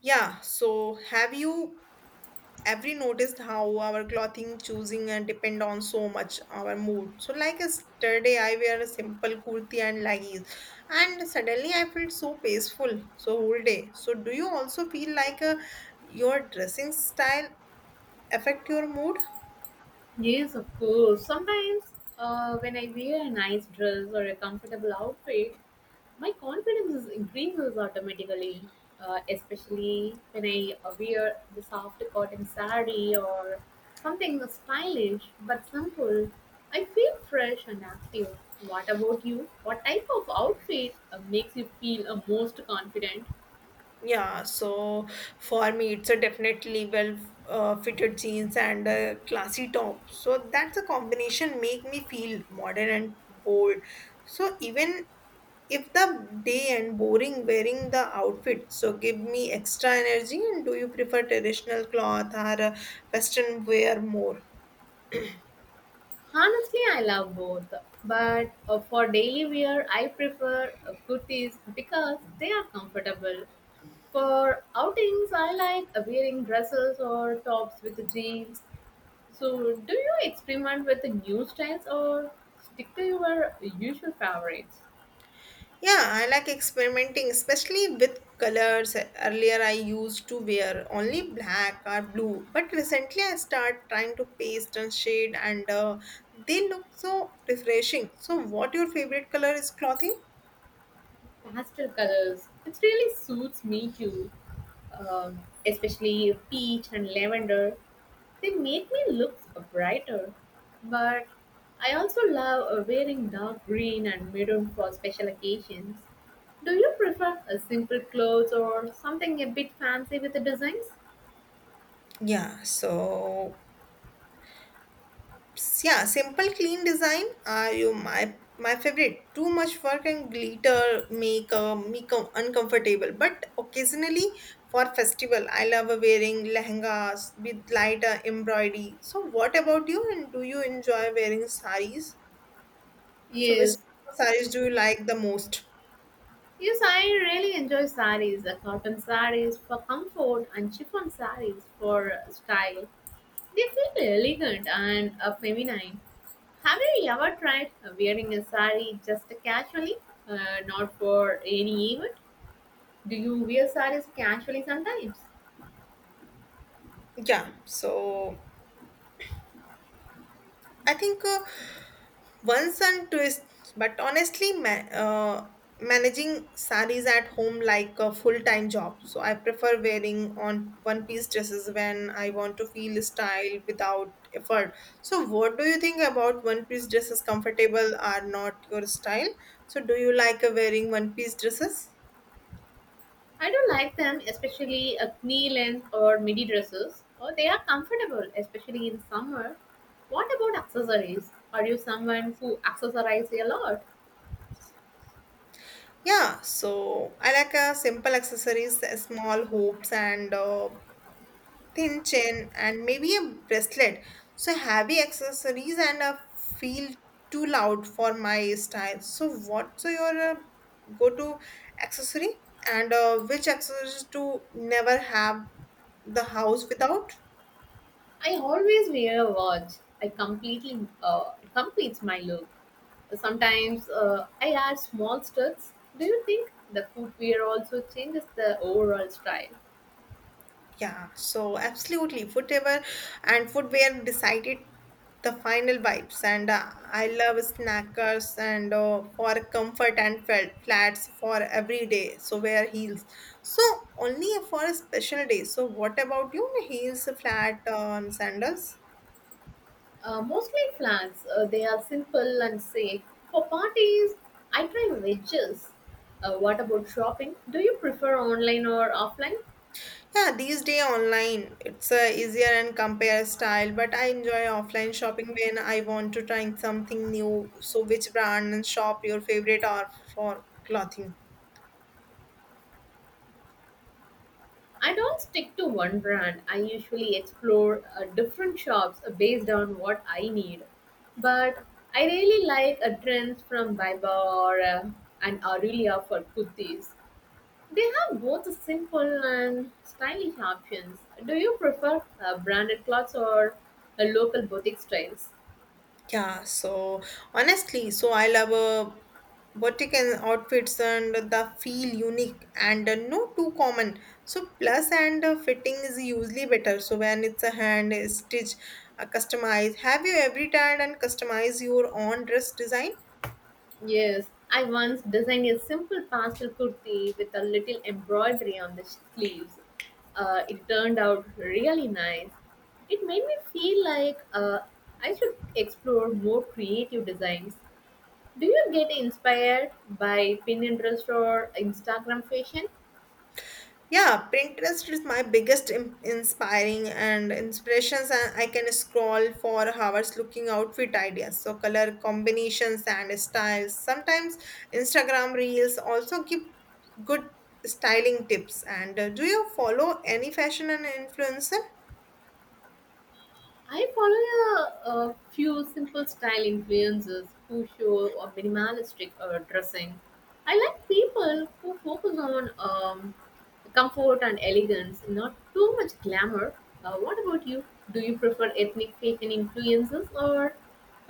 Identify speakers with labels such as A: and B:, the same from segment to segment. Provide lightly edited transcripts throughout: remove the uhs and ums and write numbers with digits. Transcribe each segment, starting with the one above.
A: Yeah, so have you ever noticed how our clothing choosing and depend on so much our mood? So like yesterday I wear a simple kurti and leggings and suddenly I felt so peaceful so whole day. So do you also feel like your dressing style affect your mood?
B: Yes, of course. Sometimes when I wear a nice dress or a comfortable outfit, my confidence is increases automatically. Especially when I wear the soft cotton saree or something stylish but simple, I feel fresh and active. What about you? What type of outfit makes you feel most confident?
A: Yeah, so for me, it's a definitely well fitted jeans and a classy top. So that's a combination make me feel modern and bold. So even if the day and boring wearing the outfit, so give me extra energy. And do you prefer traditional cloth or western wear more?
B: Honestly, I love both, but for daily wear, I prefer kurtis because they are comfortable. For outings, I like wearing dresses or tops with jeans. So, do you experiment with the new styles or stick to your usual favorites?
A: Yeah, I like experimenting, especially with colors. Earlier, I used to wear only black or blue, but recently I start trying to paste and shade, and they look so refreshing. So, what your favorite color is clothing?
B: Pastel colors, it really suits me too, um, especially peach and lavender. They make me look brighter, but I also love wearing dark green and maroon for special occasions. Do you prefer a simple clothes or something a bit fancy with the designs?
A: Yeah, so yeah simple clean design are you my favorite too much work and glitter make uncomfortable but occasionally for festival I love wearing lehengas with lighter embroidery. So what about you and do you enjoy wearing saris, so which
B: Yes.
A: saris do you like the most?
B: Yes, I really enjoy saris, the cotton saris for comfort and chiffon saris for style. They feel elegant and feminine. Have you ever tried wearing a sari just casually, not for any event? Do you wear sarees casually sometimes?
A: Yeah, so I think one sun twist, but honestly, managing saris at home like a full-time job. So I prefer wearing on one-piece dresses when I want to feel style without effort. So what do you think about one-piece dresses? Comfortable are not your style. So do you like wearing one-piece dresses?
B: I do like them, especially a knee length or midi dresses. Oh, they are comfortable, especially in summer. What about accessories? Are you someone who accessorizes a lot?
A: Yeah, so I like simple accessories, small hoops, and thin chain, and maybe a bracelet. So heavy accessories and a feel too loud for my style. So what's your go-to accessory and which accessories to never have the house without?
B: I always wear a watch. I completely it completes my look. Sometimes I add small studs. Do you think the footwear also changes the overall style?
A: Yeah, so absolutely. Whatever and footwear decided the final vibes. And I love snackers and for comfort and felt flats for every day. So wear heels. So only for a special day. So what about you? Heels, flat, sandals?
B: Mostly flats. They are simple and safe. For parties, I try wedges. What about shopping? Do you prefer online or offline?
A: Yeah, these day online it's easier and compare style, but I enjoy offline shopping when I want to try something new. So which brand and shop your favorite are for clothing?
B: I don't stick to one brand. I usually explore different shops based on what I need. But I really like a trend from Biba or an Aurelia for kurtis. They have both simple and stylish options. Do you prefer branded clothes or local boutique styles?
A: Yeah, so honestly, so I love boutique and outfits and the feel unique and no too common. So plus and fitting is usually better. So when it's a hand stitch, customized. Have you every time and customize your own dress design?
B: Yes, I once designed a simple pastel kurti with a little embroidery on the sleeves. It turned out really nice. It made me feel like I should explore more creative designs. Do you get inspired by Pinterest or Instagram fashion?
A: Yeah, Pinterest is my biggest inspiring and inspirations, and I can scroll for hours looking outfit ideas, so color combinations and styles. Sometimes Instagram reels also give good styling tips. And do you follow any fashion and influencer?
B: I follow a few simple style influencers who show a minimalistic dressing. I like people who focus on comfort and elegance, not too much glamour. What about you? Do you prefer ethnic fashion influences or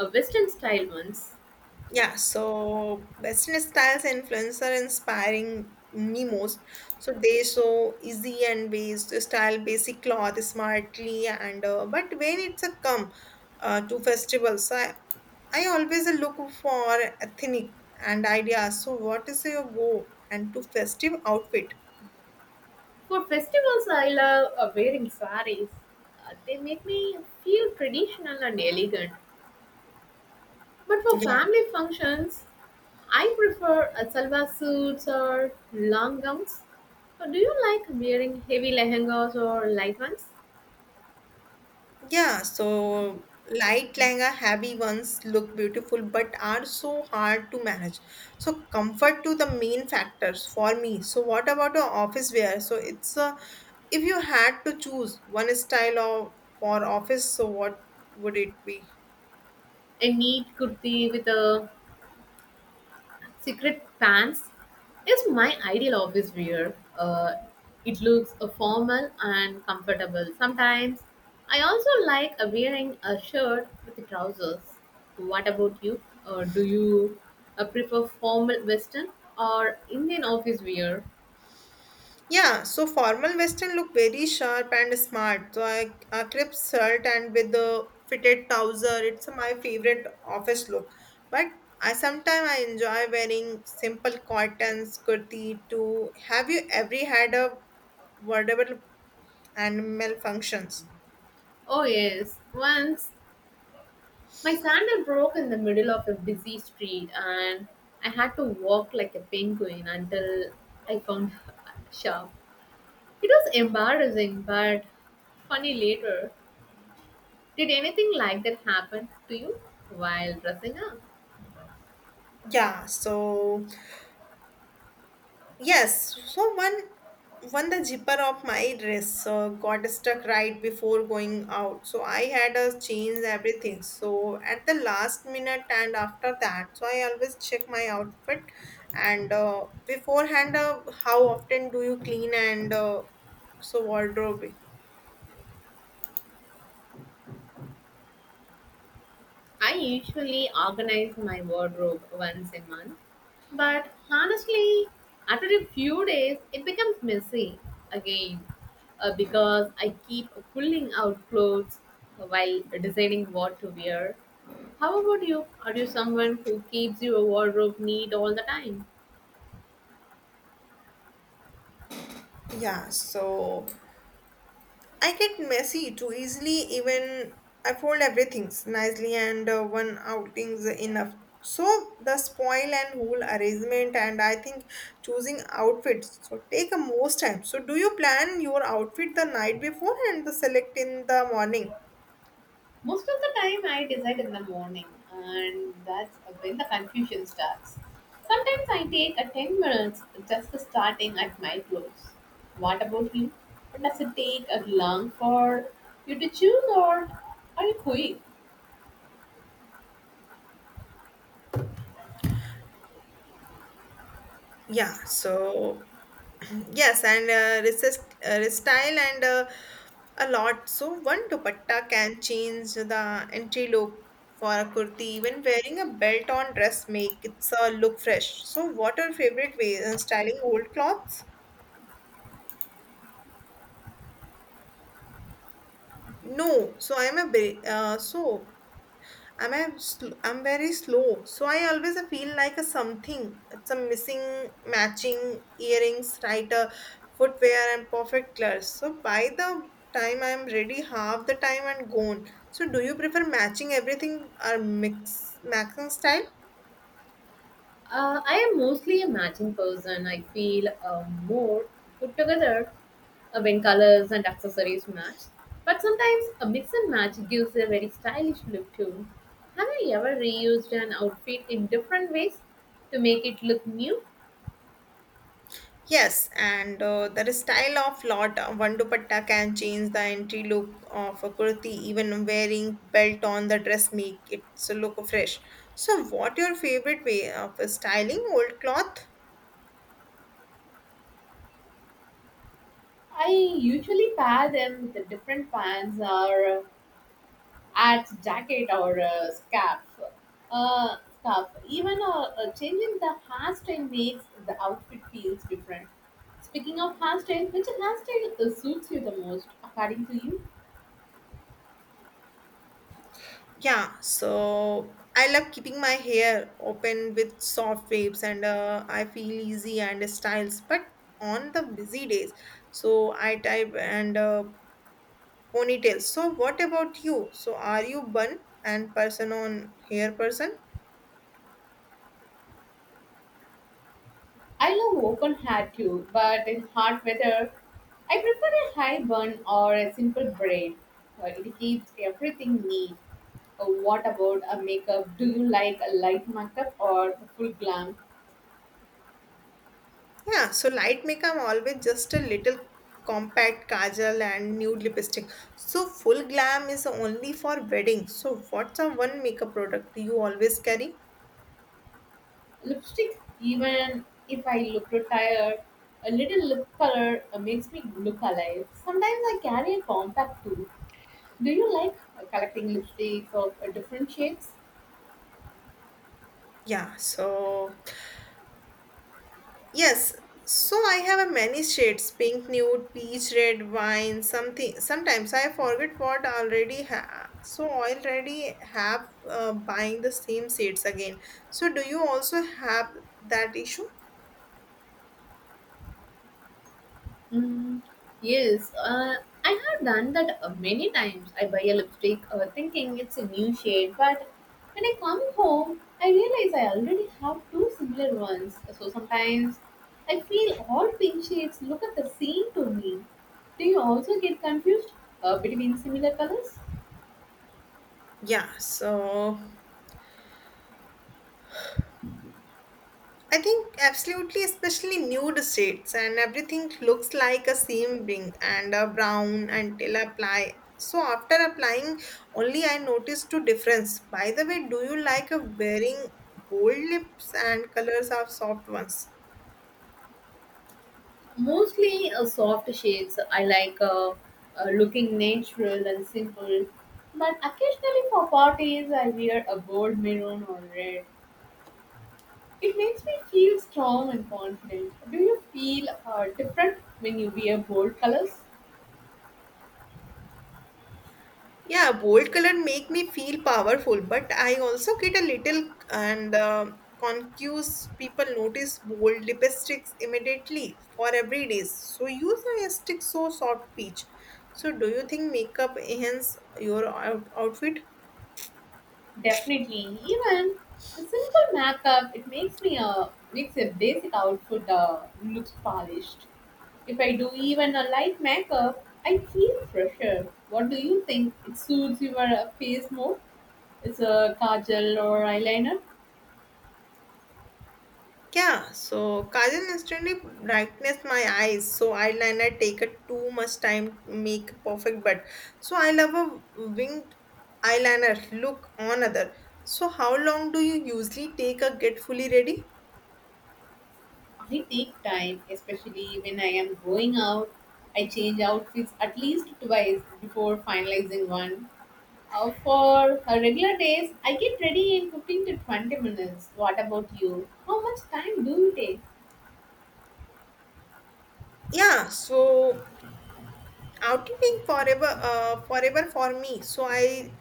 B: Western style ones?
A: Yeah, so Western styles influence are inspiring me most. So they show easy and based style, basic cloth smartly, and but when it's a come to festivals, so I always look for ethnic and ideas. So what is your go and to festive outfit?
B: For festivals, I love wearing saris. They make me feel traditional and elegant. But for
A: Yeah.
B: family functions, I prefer a salwar suits or long gowns. Do you like wearing heavy lehengas or light ones?
A: Yeah, so light langa, heavy ones look beautiful but are so hard to manage. So comfort to the main factors for me. So what about the office wear? So it's a, if you had to choose one style of for office, so what would it be?
B: A neat kurti with a secret pants is my ideal office wear. It looks formal and comfortable. Sometimes I also like wearing a shirt with trousers. What about you? Or do you prefer formal western or Indian office wear?
A: Yeah, so formal western look very sharp and smart. So I a crisp shirt and with the fitted trouser, it's my favorite office look. But I sometimes I enjoy wearing simple cottons kurti too. Have you ever had a wardrobe and malfunctions?
B: Oh, yes. Once my sandal broke in the middle of a busy street, and I had to walk like a penguin until I found a shop. It was embarrassing, but funny later. Did anything like that happen to you while dressing up?
A: Yeah, so yes, so one the zipper of my dress got stuck right before going out. So I had to change everything. So at the last minute and after that, so I always check my outfit and beforehand. How often do you clean and so wardrobe?
B: I usually organize my wardrobe once a month, but honestly, after a few days, it becomes messy again because I keep pulling out clothes while deciding what to wear. How about you? Are you someone who keeps your wardrobe neat all the time?
A: Yeah, so I get messy too easily, even I fold everything nicely, and one outing's enough. So the spoil and whole arrangement, and I think choosing outfits so take a most time. So do you plan your outfit the night before and the select in the morning?
B: Most of the time, I decide in the morning, and that's when the confusion starts. Sometimes I take a 10 minutes just starting at my clothes. What about you? Does it take a long for you to choose, or are you quick?
A: Yeah, so yes, and resist, style and a lot. So one dupatta can change the entry look for a kurti. Even wearing a belt on dress make it's a look fresh. So what are your favorite ways in styling old clothes? No, so so I'm very slow, so I always feel like a something. It's a missing matching earrings, right? A footwear and perfect clothes. So by the time I'm ready, half the time and gone. So do you prefer matching everything or mix matching style?
B: I am mostly a matching person. I feel more put together when colors and accessories match. But sometimes a mix and match gives a very stylish look too. Have you ever reused an outfit in different ways to make it look new?
A: Yes, and the style of lot one dupatta can change the entry look of a kurti. Even wearing belt on the dress make it so look fresh. So, what your favorite way of styling old cloth?
B: I usually pair them with different pants or at jacket or a scarf. Scarf. Even changing the hairstyle makes the outfit feels different. Speaking of hairstyle, which hairstyle suits you the most, according to you?
A: Yeah, so I love keeping my hair open with soft waves, and I feel easy and styles. But on the busy days, so I type and ponytails. So, what about you? So, are you bun and person on hair person?
B: I love open hair too, but in hot weather, I prefer a high bun or a simple braid. It keeps everything neat. What about a makeup? Do you like a light makeup or a full glam?
A: Yeah, so light makeup always just a little compact kajal and nude lipstick. So full glam is only for wedding. So what's a one makeup product you always carry?
B: Lipstick, even if I look tired, a little lip color makes me look alive. Sometimes I carry a compact too. Do you like collecting lipsticks of different shades?
A: Yeah, so yes. So I have a many shades pink, nude, peach, red, wine, something. Sometimes I forget what I already have. So I already have buying the same shades again. So do you also have that issue?
B: Mm, yes, I have done that many times. I buy a lipstick thinking it's a new shade, but when I come home, I realize I already have two similar ones. So sometimes I feel all pink shades look at the same to me. Do you also get confused between similar colors?
A: Yeah, so I think absolutely, especially nude shades, and everything looks like a seam ring and a brown until I apply. So after applying, only I noticed two difference. By the way, do you like a wearing bold lips and colors or soft ones?
B: Mostly soft shades. I like looking natural and simple, but occasionally for parties, I wear a bold maroon or red. It makes me feel strong and confident. Do you feel different when you wear bold colors?
A: Yeah, bold color make me feel powerful, but I also get a little and confused. People notice bold lipsticks immediately for every day. So use a stick so soft peach. So do you think makeup enhance your outfit?
B: Definitely. Even the simple makeup, it makes me makes a basic outfit looks polished. If I do even a light makeup, I feel fresher. What do you think? It suits your face more? It's a kajal or eyeliner.
A: Yeah, so kajal instantly brightens my eyes, so eyeliner take it too much time to make perfect, but so I love a winged eyeliner look on other. So how long do you usually take a get fully ready?
B: I take time, especially when I am going out. I change outfits at least twice before finalizing one. For regular days, I get ready in 15 to 20 minutes. What about you? How much time do you take?
A: Yeah, so outing forever, forever for me. So I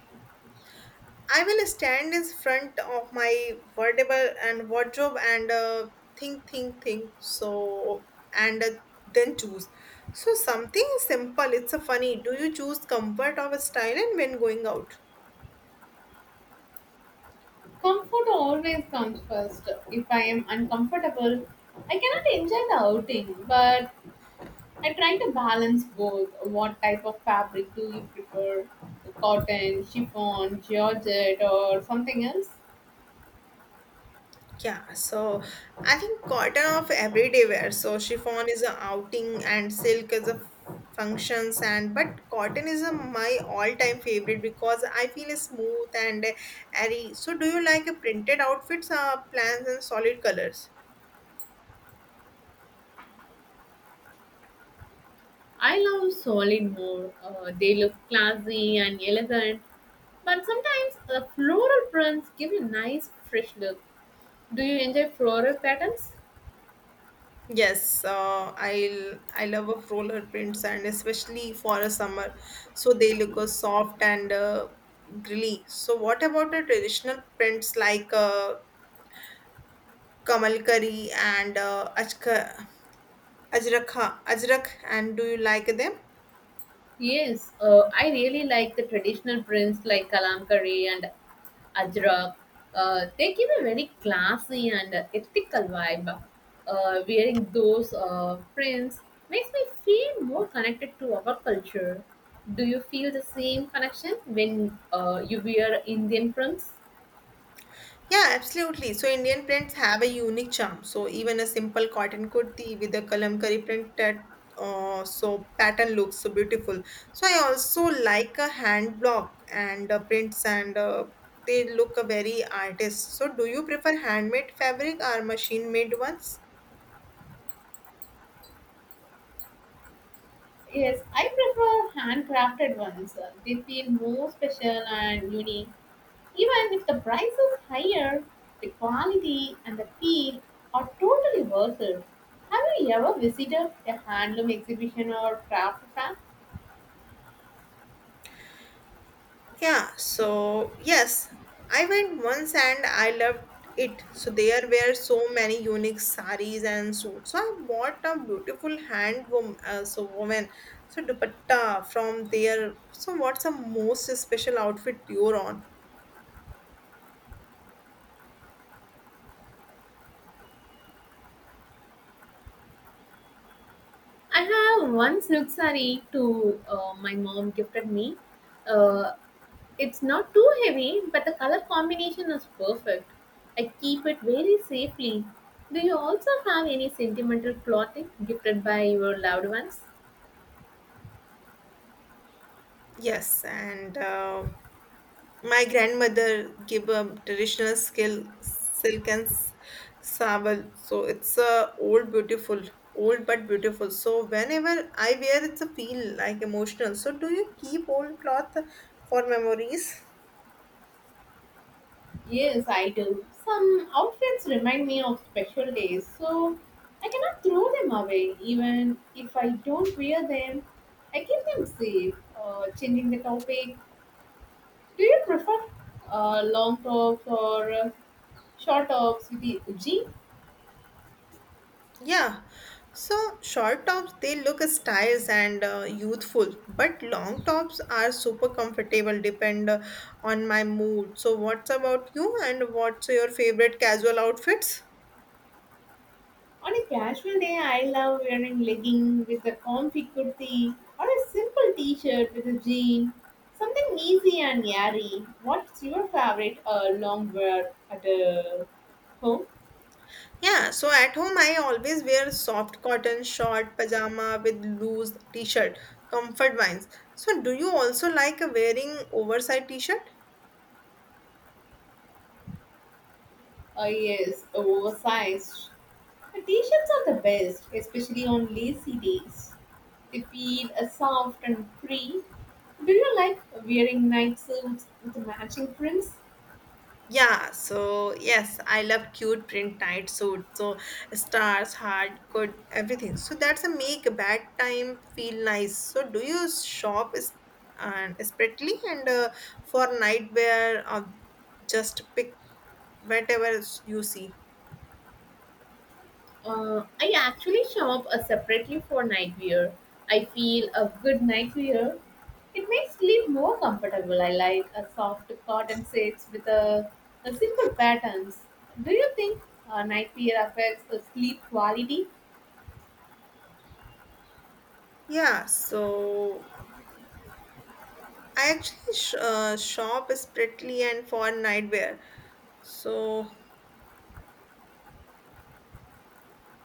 A: I will stand in front of my wardrobe and think, think. So and then choose. So something simple. It's a funny. Do you choose comfort or style and when going out?
B: Comfort always comes first. If I am uncomfortable, I cannot enjoy the outing, but I try to balance both. What type of fabric do you prefer? Cotton, chiffon, georgette, or something else?
A: Yeah, so I think cotton of everyday wear. So chiffon is a outing and silk is a functions and but cotton is a, my all-time favorite because I feel it's smooth and airy. So do you like a printed outfits, plans and solid colors?
B: I love solid more. They look classy and elegant, but sometimes the floral prints give a nice fresh look. Do you enjoy floral patterns?
A: Yes, I love of roller prints and especially for a summer, so they look soft and grilly. So what about the traditional prints like Kamal Curry and Ajrak, Ajrak, and do you like them?
B: Yes, I really like the traditional prints like Kalamkari and Ajrak. They give a very classy and ethical vibe. Wearing those prints makes me feel more connected to our culture. Do you feel the same connection when you wear Indian prints?
A: Yeah, absolutely. So Indian prints have a unique charm. So even a simple cotton kurti with a kalamkari print that so pattern looks so beautiful. So I also like a hand block and prints and they look a very artist. So do you prefer handmade fabric or machine made ones?
B: Yes, I prefer handcrafted ones. They feel more special and unique. Even if the price is higher, the quality and the feel are totally worth it. Have you ever visited a handloom exhibition or craft fair?
A: Yeah, so yes, I went once and I loved it. So there were so many unique saris and suits. So I bought a beautiful hand woman, so woman, so dupatta from there. So what's the most special outfit you're on?
B: I have one silk saree to my mom gifted me. Uh, It's not too heavy, but the color combination is perfect. I keep it very safely. Do you also have any sentimental clothing gifted by your loved ones?
A: Yes, and my grandmother gave a traditional skill, silk and sable. So it's old but beautiful. So whenever I wear, it's a feel like emotional. So do you keep old cloth for memories?
B: Yes, I do. Some outfits remind me of special days, so I cannot throw them away. Even if I don't wear them, I keep them safe. Changing the topic, do you prefer long tops or short tops with the jeans?
A: Yeah. So short tops they look stylish and youthful, but long tops are super comfortable. Depend on my mood. So what's about you? And what's your favorite casual outfits?
B: On a casual day, I love wearing leggings with a comfy kurti or a simple t-shirt with a jean. Something easy and airy. What's your favorite long wear at home?
A: Yeah, so at home I always wear soft cotton short pajama with loose t-shirt, comfort vines. So do you also like wearing oversized t-shirt?
B: Yes, oversized. The t-shirts are the best, especially on lazy days. They feel soft and free. Do you like wearing night suits with matching prints?
A: Yeah, so yes, I love cute print tight suit. So stars, heart, good, everything. So that's a make bad time feel nice. So do you shop is and separately and for nightwear or just pick whatever you see?
B: I actually shop separately for nightwear. I feel a good nightwear. It makes sleep more comfortable. I like a soft cotton sets with a simple patterns. Do you think nightwear affects the sleep quality?
A: Yeah, so I actually shop separately and for nightwear. So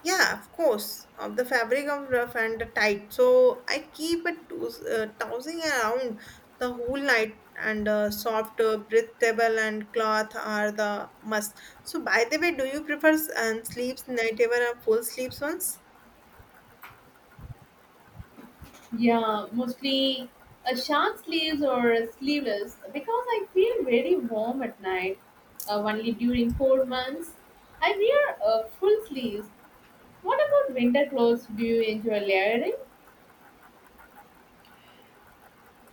A: yeah, of course, of the fabric of rough and the tight. So I keep it tossing around the whole night, and soft, breathable, and cloth are the must. So by the way, do you prefer and sleeps nightwear or full sleeps ones?
B: Yeah, mostly a short sleeves or sleeveless because I feel very warm at night. Only during cold months, I wear full sleeves. What about winter clothes? Do you enjoy layering?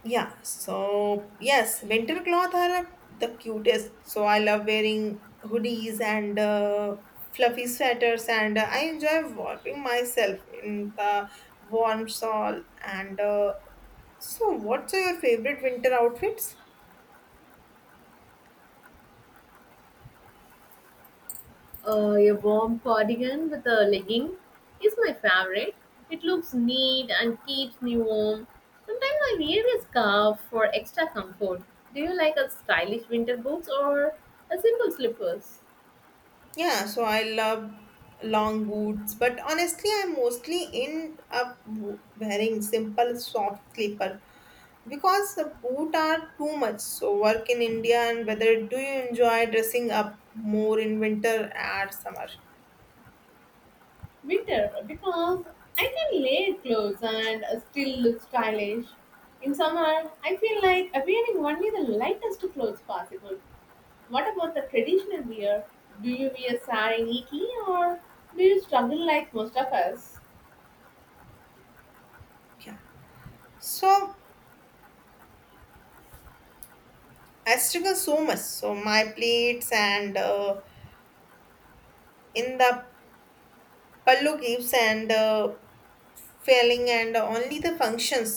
A: Yeah, so yes, winter cloth are the cutest. So I love wearing hoodies and fluffy sweaters, and I enjoy warming myself in the warm shawl. And what's your favorite winter outfits?
B: A warm cardigan with a legging is my favorite. It looks neat and keeps me warm. Sometimes I wear a scarf for extra comfort. Do you like a stylish winter boots or a simple slippers?
A: Yeah, so I love long boots, but honestly, I'm mostly in up wearing simple soft slipper because the both are too much so work in india and whether do you enjoy dressing up more in winter or summer?
B: Winter because I can layer clothes and still look stylish. In summer, I feel like wearing only the lightest clothes possible. What about the traditional wear? Do you wear sari and iki or do you struggle like most of us?
A: Yeah, so I struggle so much so my plates and in the pallu gives and failing and only the functions,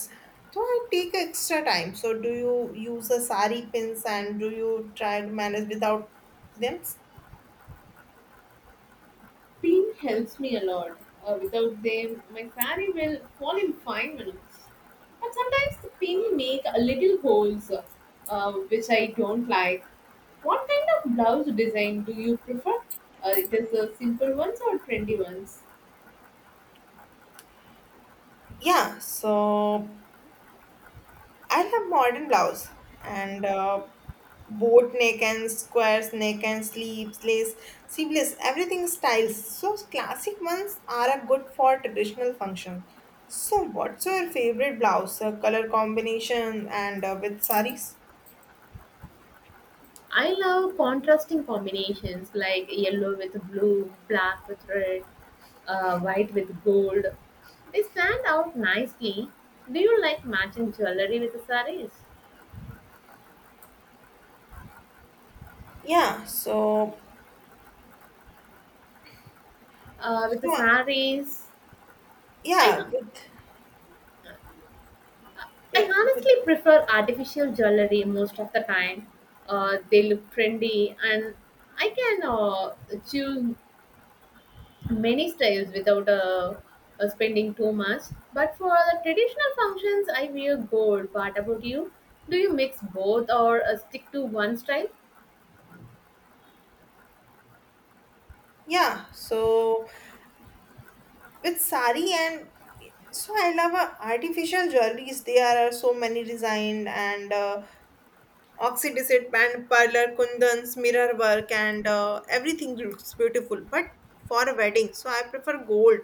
A: so I take extra time. So do you use a sari pins and do you try to manage without them?
B: Team helps me a lot. Without them, my saree will fall in 5 minutes. But sometimes the pin make a little holes, which I don't like. What kind of blouse design do you prefer? It is the simple ones or trendy ones?
A: Yeah, so I love modern blouse and boat neck and squares neck and sleeves, lace, sleeveless, everything styles. So classic ones are a good for traditional function. So what's your favorite blouse? Color combination and with saris?
B: I love contrasting combinations like yellow with blue, black with red, white with gold. They stand out nicely. Do you like matching jewelry with the sarees?
A: Yeah. So
B: With the
A: so uh,
B: saris, I
A: yeah with
B: I
A: yeah with,
B: honestly prefer artificial jewelry most of the time. They look trendy, and I can choose many styles without spending too much. But for the traditional functions, I wear gold. What about you? Do you mix both or stick to one style?
A: yeah. So with sari and so I love artificial jewelries. There are so many designed and. Oxydesert band parlor kundans mirror work and everything looks beautiful, but for a wedding so I prefer gold.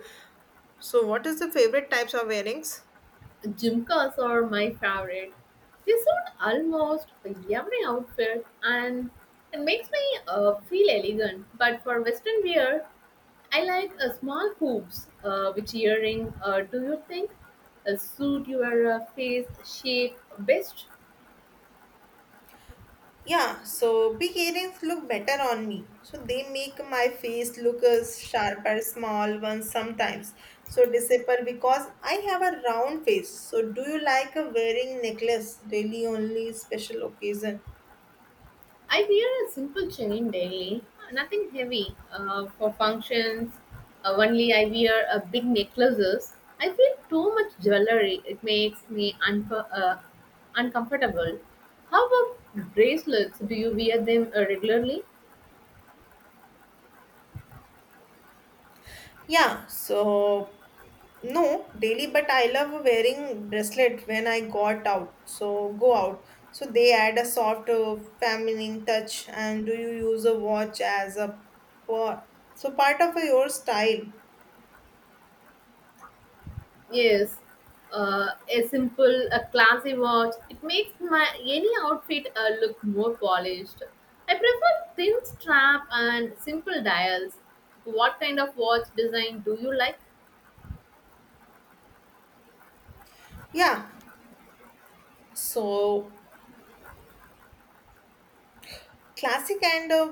A: So what is the favorite types of earrings?
B: Jumkas are my favorite. They suit almost every outfit and it makes me feel elegant. But for Western wear, I like a small hoops. Which earring do you think suit your face shape best?
A: Yeah, so big earrings look better on me, so they make my face look as sharper. Small ones sometimes so disappear because I have a round face. So do you like wearing necklace really only special occasion?
B: I wear a simple chain daily, nothing heavy. For functions, only I wear a big necklaces. I feel too much jewelry. It makes me uncomfortable. How about bracelets? Do you wear them regularly?
A: Yeah, so no, daily, but I love wearing bracelet when I got out. So go out. So they add a soft, feminine touch. And do you use a watch as a part? So part of your style.
B: Yes, a simple, a classy watch. It makes my any outfit look more polished. I prefer thin strap and simple dials. What kind of watch design do you like?
A: Yeah. So classic and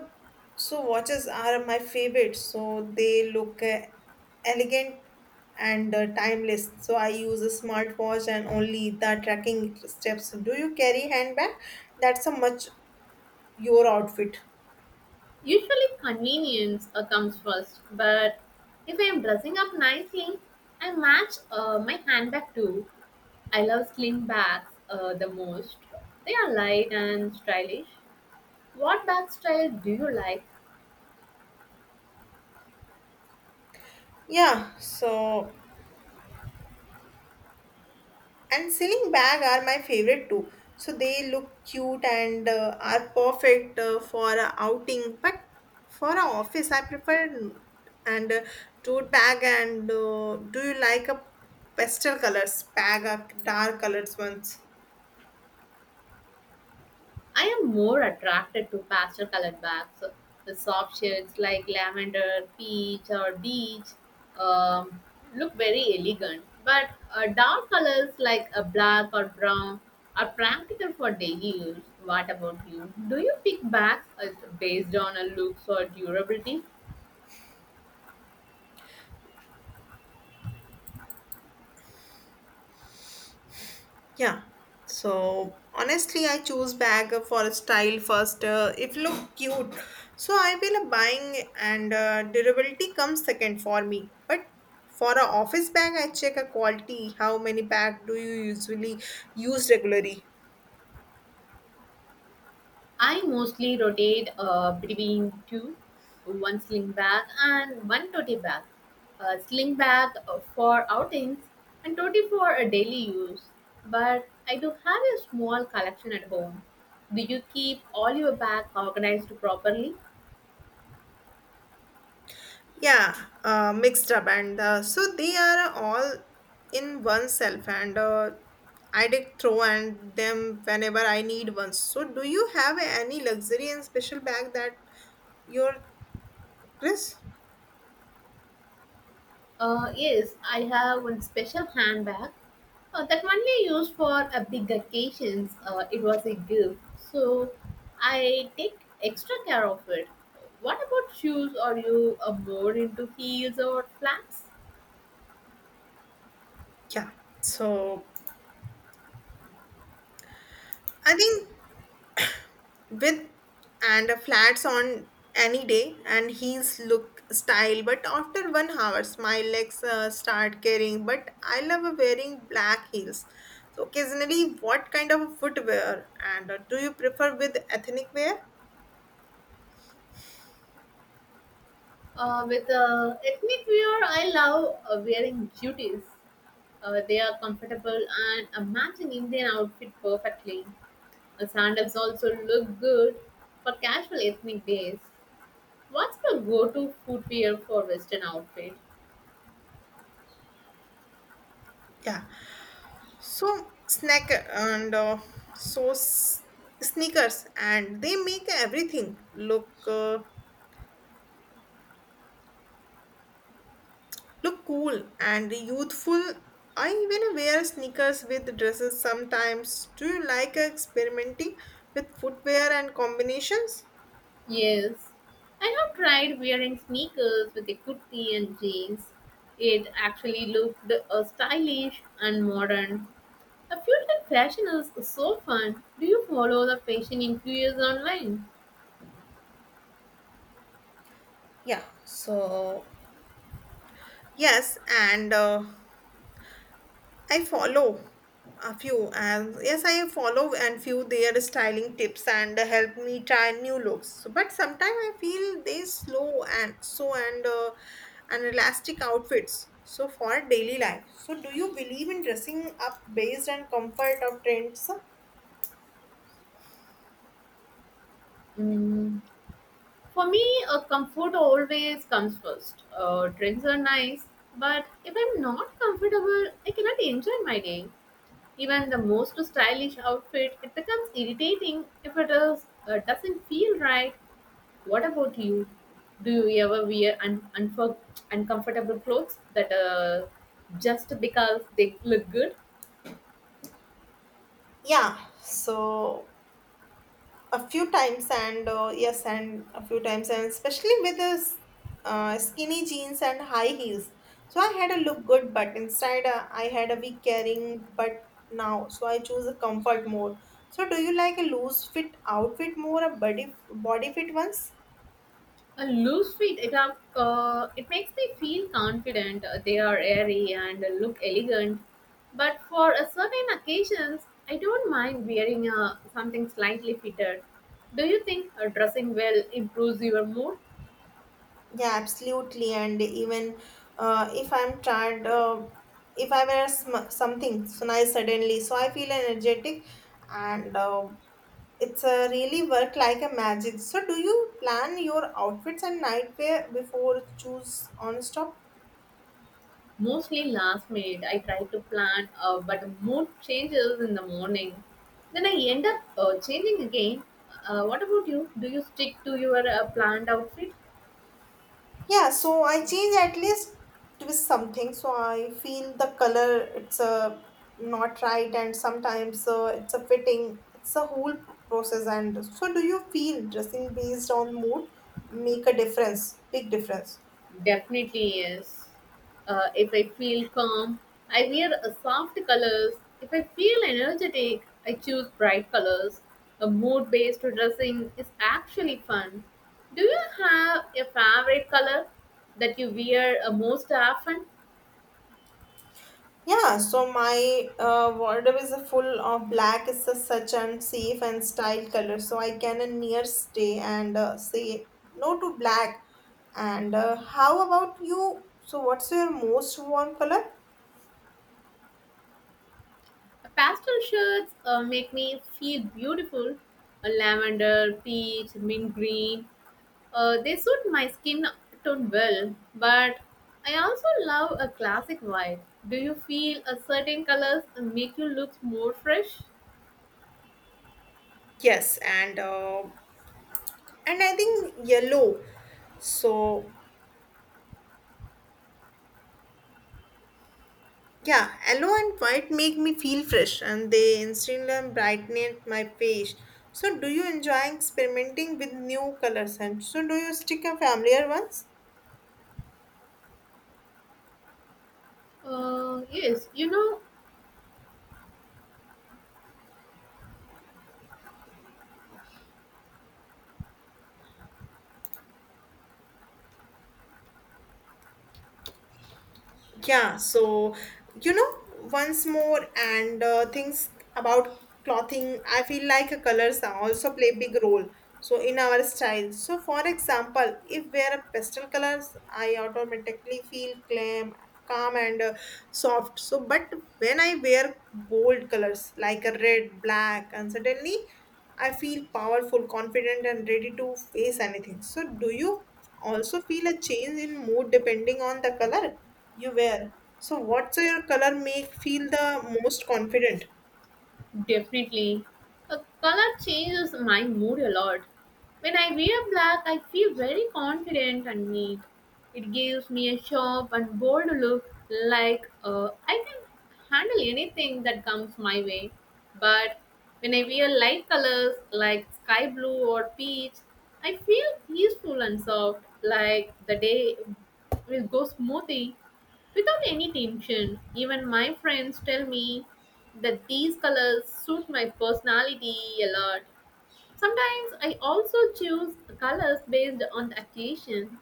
A: so watches are my favorite. So they look elegant and timeless. So I use a smartwatch and only the tracking steps. Do you carry handbag that's a much your outfit?
B: Usually convenience comes first, but if I am dressing up nicely, I match my handbag too. I love sling bags the most. They are light and stylish. What bag style do you like?
A: Yeah, so and ceiling bag are my favorite too, so they look cute and are perfect for a outing, but for an office I prefer and tote bag. And do you like a pastel colors bag or dark colors ones?
B: I am more attracted to pastel colored bags, the soft shades like lavender, peach, or beige. Um, Look very elegant, but dark colors like a black or brown are practical for daily use. What about you? Do you pick bags based on a looks or durability?
A: Yeah. So honestly, I choose bag for style first. If look cute, so I will buying and durability comes second for me. But for a office bag, I check a quality. How many bag do you usually use regularly?
B: I mostly rotate between two, one sling bag and one tote bag. A sling bag for outings and tote for a daily use. But I do have a small collection at home. Do you keep all your bags organized properly?
A: Yeah, mixed up and so they are all in oneself and I did throw and them whenever I need one. So do you have any luxury and special bag that your Chris?
B: Yes, I have one special handbag that only used for a big occasions. It was a gift, so I take extra care of it. What about shoes? Are you more into heels or flats?
A: Yeah. So I think with and a flats on any day and his look style, but after 1 hour, my legs start caring, but I love wearing black heels so occasionally. What kind of footwear and do you prefer with ethnic wear?
B: With ethnic wear, I love wearing jutis. They are comfortable and match an Indian outfit perfectly. Sandals also look good for casual ethnic days. What's my go-to footwear for western outfit?
A: Yeah, so snack and so s- sneakers, and they make everything look cool and youthful. I even wear sneakers with dresses sometimes. Do you like experimenting with footwear and combinations?
B: Yes, I have tried wearing sneakers with a kurti and jeans. It actually looked stylish and modern. I feel like fashion is so fun. Do you follow the fashion influencers online?
A: Yeah, so Yes, and I follow a few and yes, I follow and few their styling tips and help me try new looks. So, but sometimes I feel they slow and so and elastic outfits. So for daily life. So do you believe in dressing up based on comfort or trends?
B: Mm. For me, comfort always comes first. Trends are nice, but if I'm not comfortable, I cannot enjoy my day. Even the most stylish outfit, it becomes irritating if it is, doesn't feel right. What about you? Do you ever wear uncomfortable clothes that just because they look good?
A: Yeah. So a few times and yes and a few times and especially with this skinny jeans and high heels, so I had a look good, but inside I had a weak carrying, but now so I choose a comfort more. So do you like a loose fit outfit more a body fit ones?
B: A loose fit, it makes me feel confident. They are airy and look elegant. But for a certain occasions, I don't mind wearing something slightly fitted. Do you think dressing well improves your mood?
A: Yeah, absolutely. And even if I'm tired, if I wear something so nice suddenly, so I feel energetic and it's a really work like a magic. So do you plan your outfits and nightwear before choose on stop?
B: Mostly last minute, I try to plan, but mood changes in the morning. Then I end up changing again. What about you? Do you stick to your planned outfit?
A: Yeah, so I change at least twist something. So I feel the color it's a not right, and sometimes it's a fitting. It's a whole process. And so do you feel dressing based on mood make a difference, big difference?
B: Definitely yes. If I feel calm, I wear soft colors. If I feel energetic, I choose bright colors. A mood based dressing is actually fun. Do you have a favorite color that you wear most often?
A: Yeah, so my wardrobe is full of black. It's a such and safe and style color, so I can a near stay and say no to black. And how about you? So what's your most warm color?
B: Pastel shades make me feel beautiful. Lavender, peach, mint green. They suit my skin tone well, but I also love a classic white. Do you feel a certain colors make you look more fresh?
A: Yes, and I think yellow. So yeah, yellow and white make me feel fresh, and they instantly brighten my face. So do you enjoy experimenting with new colors? And so do you stick a familiar ones?
B: Yes, you know,
A: Yeah, so you know, once more and things about clothing, I feel like colors also play big role. So in our style. So for example, if wear a pastel colors, I automatically feel calm and soft. So but when I wear bold colors like a red, black, and suddenly I feel powerful, confident, and ready to face anything. So do you also feel a change in mood depending on the color you wear? So, what's your color make feel the most confident?
B: definitely. A color changes my mood a lot. When I wear black, I feel very confident and neat. It gives me a sharp and bold look, like I can handle anything that comes my way. But when I wear light colors like sky blue or peach, I feel peaceful and soft, like the day will go smoothly. Without any tension, even my friends tell me that these colors suit my personality a lot. Sometimes I also choose colors based on the occasion.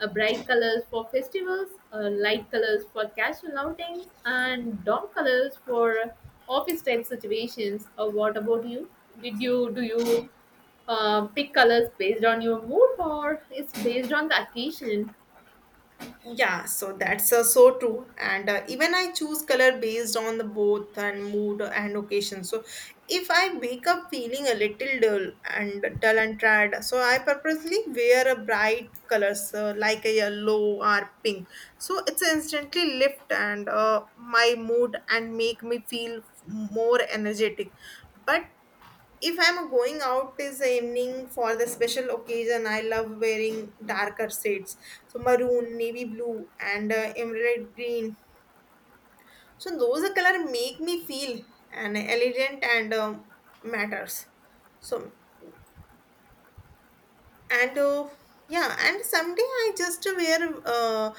B: A bright colors for festivals, light colors for casual outings, and dark colors for office type situations. What about you? Did you Do you pick colors based on your mood or it's based on the occasion?
A: Yeah, so that's so true. And even I choose color based on the both and mood and occasion. So if I wake up feeling a little dull and tired, so I purposely wear a bright colors like a yellow or pink. So it's instantly lift and my mood and make me feel more energetic. But if I'm going out is evening for the special occasion, I love wearing darker shades. So maroon, navy blue, and emerald green. So those color make me feel an elegant and matters. So and Yeah, and someday I just wear uh,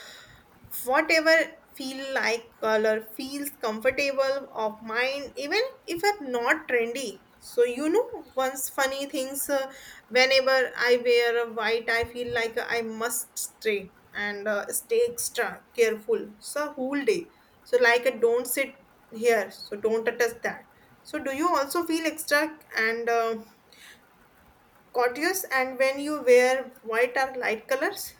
A: whatever feel like color feels comfortable of mine, even if it's not trendy. So you know, once funny things whenever I wear a white, I feel like I must stay and stay extra careful so whole day. So like don't sit here, so don't touch that. So do you also feel extra and courteous and when you wear white or light colors?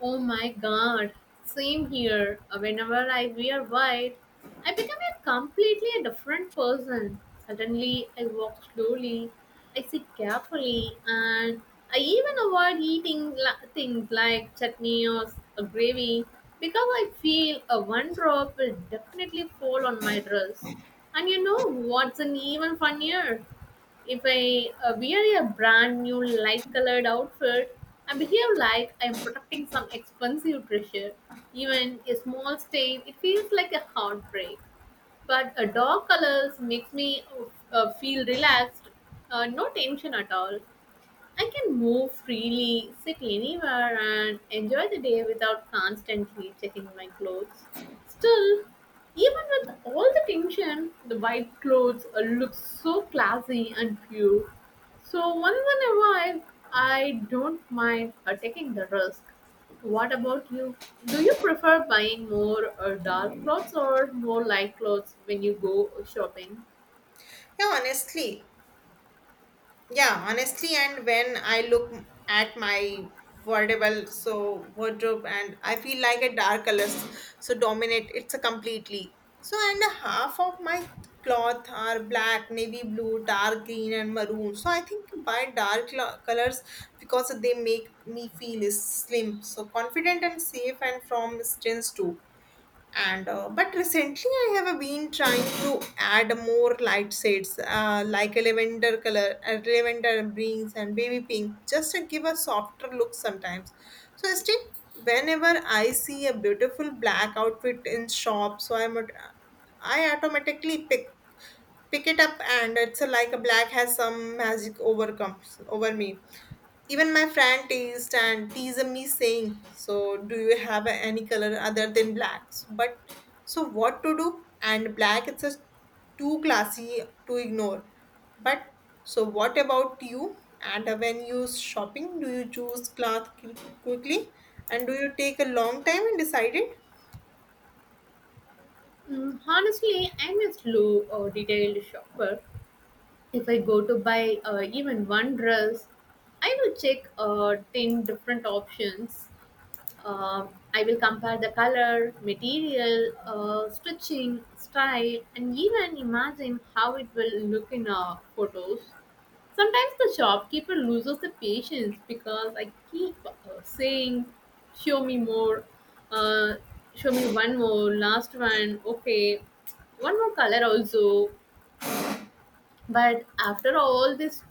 B: Oh my god, same here. Whenever I wear white, I become a completely a different person. Suddenly, I walk slowly, I sit carefully, and I even avoid eating things like chutney or a gravy because I feel a one drop will definitely fall on my dress. And you know what's an even funnier? If I wear a brand new light colored outfit, I behave like I'm protecting some expensive treasure. Even a small stain, it feels like a heartbreak. But a dark colors makes me feel relaxed, no tension at all. I can move freely, sit anywhere, and enjoy the day without constantly checking my clothes. Still, even with all the tension, the white clothes look so classy and pure. So, once in a while, I don't mind taking the risk. What about you? Do you prefer buying more dark clothes or more light clothes when you go shopping?
A: yeah honestly yeah, honestly, and when I look at my wardrobe, so wardrobe, and I feel like a dark colors so dominate it's a completely so. And a half of my cloth are black, navy blue, dark green, and maroon. So I think buy dark colors, because they make me feel slim so confident and safe and from strengths too. And but recently I have been trying to add more light shades like a lavender color, lavender greens and baby pink, just to give a softer look sometimes. So still, whenever I see a beautiful black outfit in shop, so I'm at- I automatically pick it up. And it's like a black has some magic overcomes over me. Even my friend teased me saying, so do you have any color other than black? So, but so what to do? And black it's a too classy to ignore. But so what about you? And when you shopping, do you choose cloth quickly and do you take a long time and decide it?
B: Mm, honestly, I'm a slow or detailed shopper. If I go to buy even one dress, I will check 10 different options. Um I will compare the color, material, stitching, style, and even imagine how it will look in photos. Sometimes the shopkeeper loses the patience because I keep saying, show me more, uh, show me one more, last one, okay, one more color also. But after all this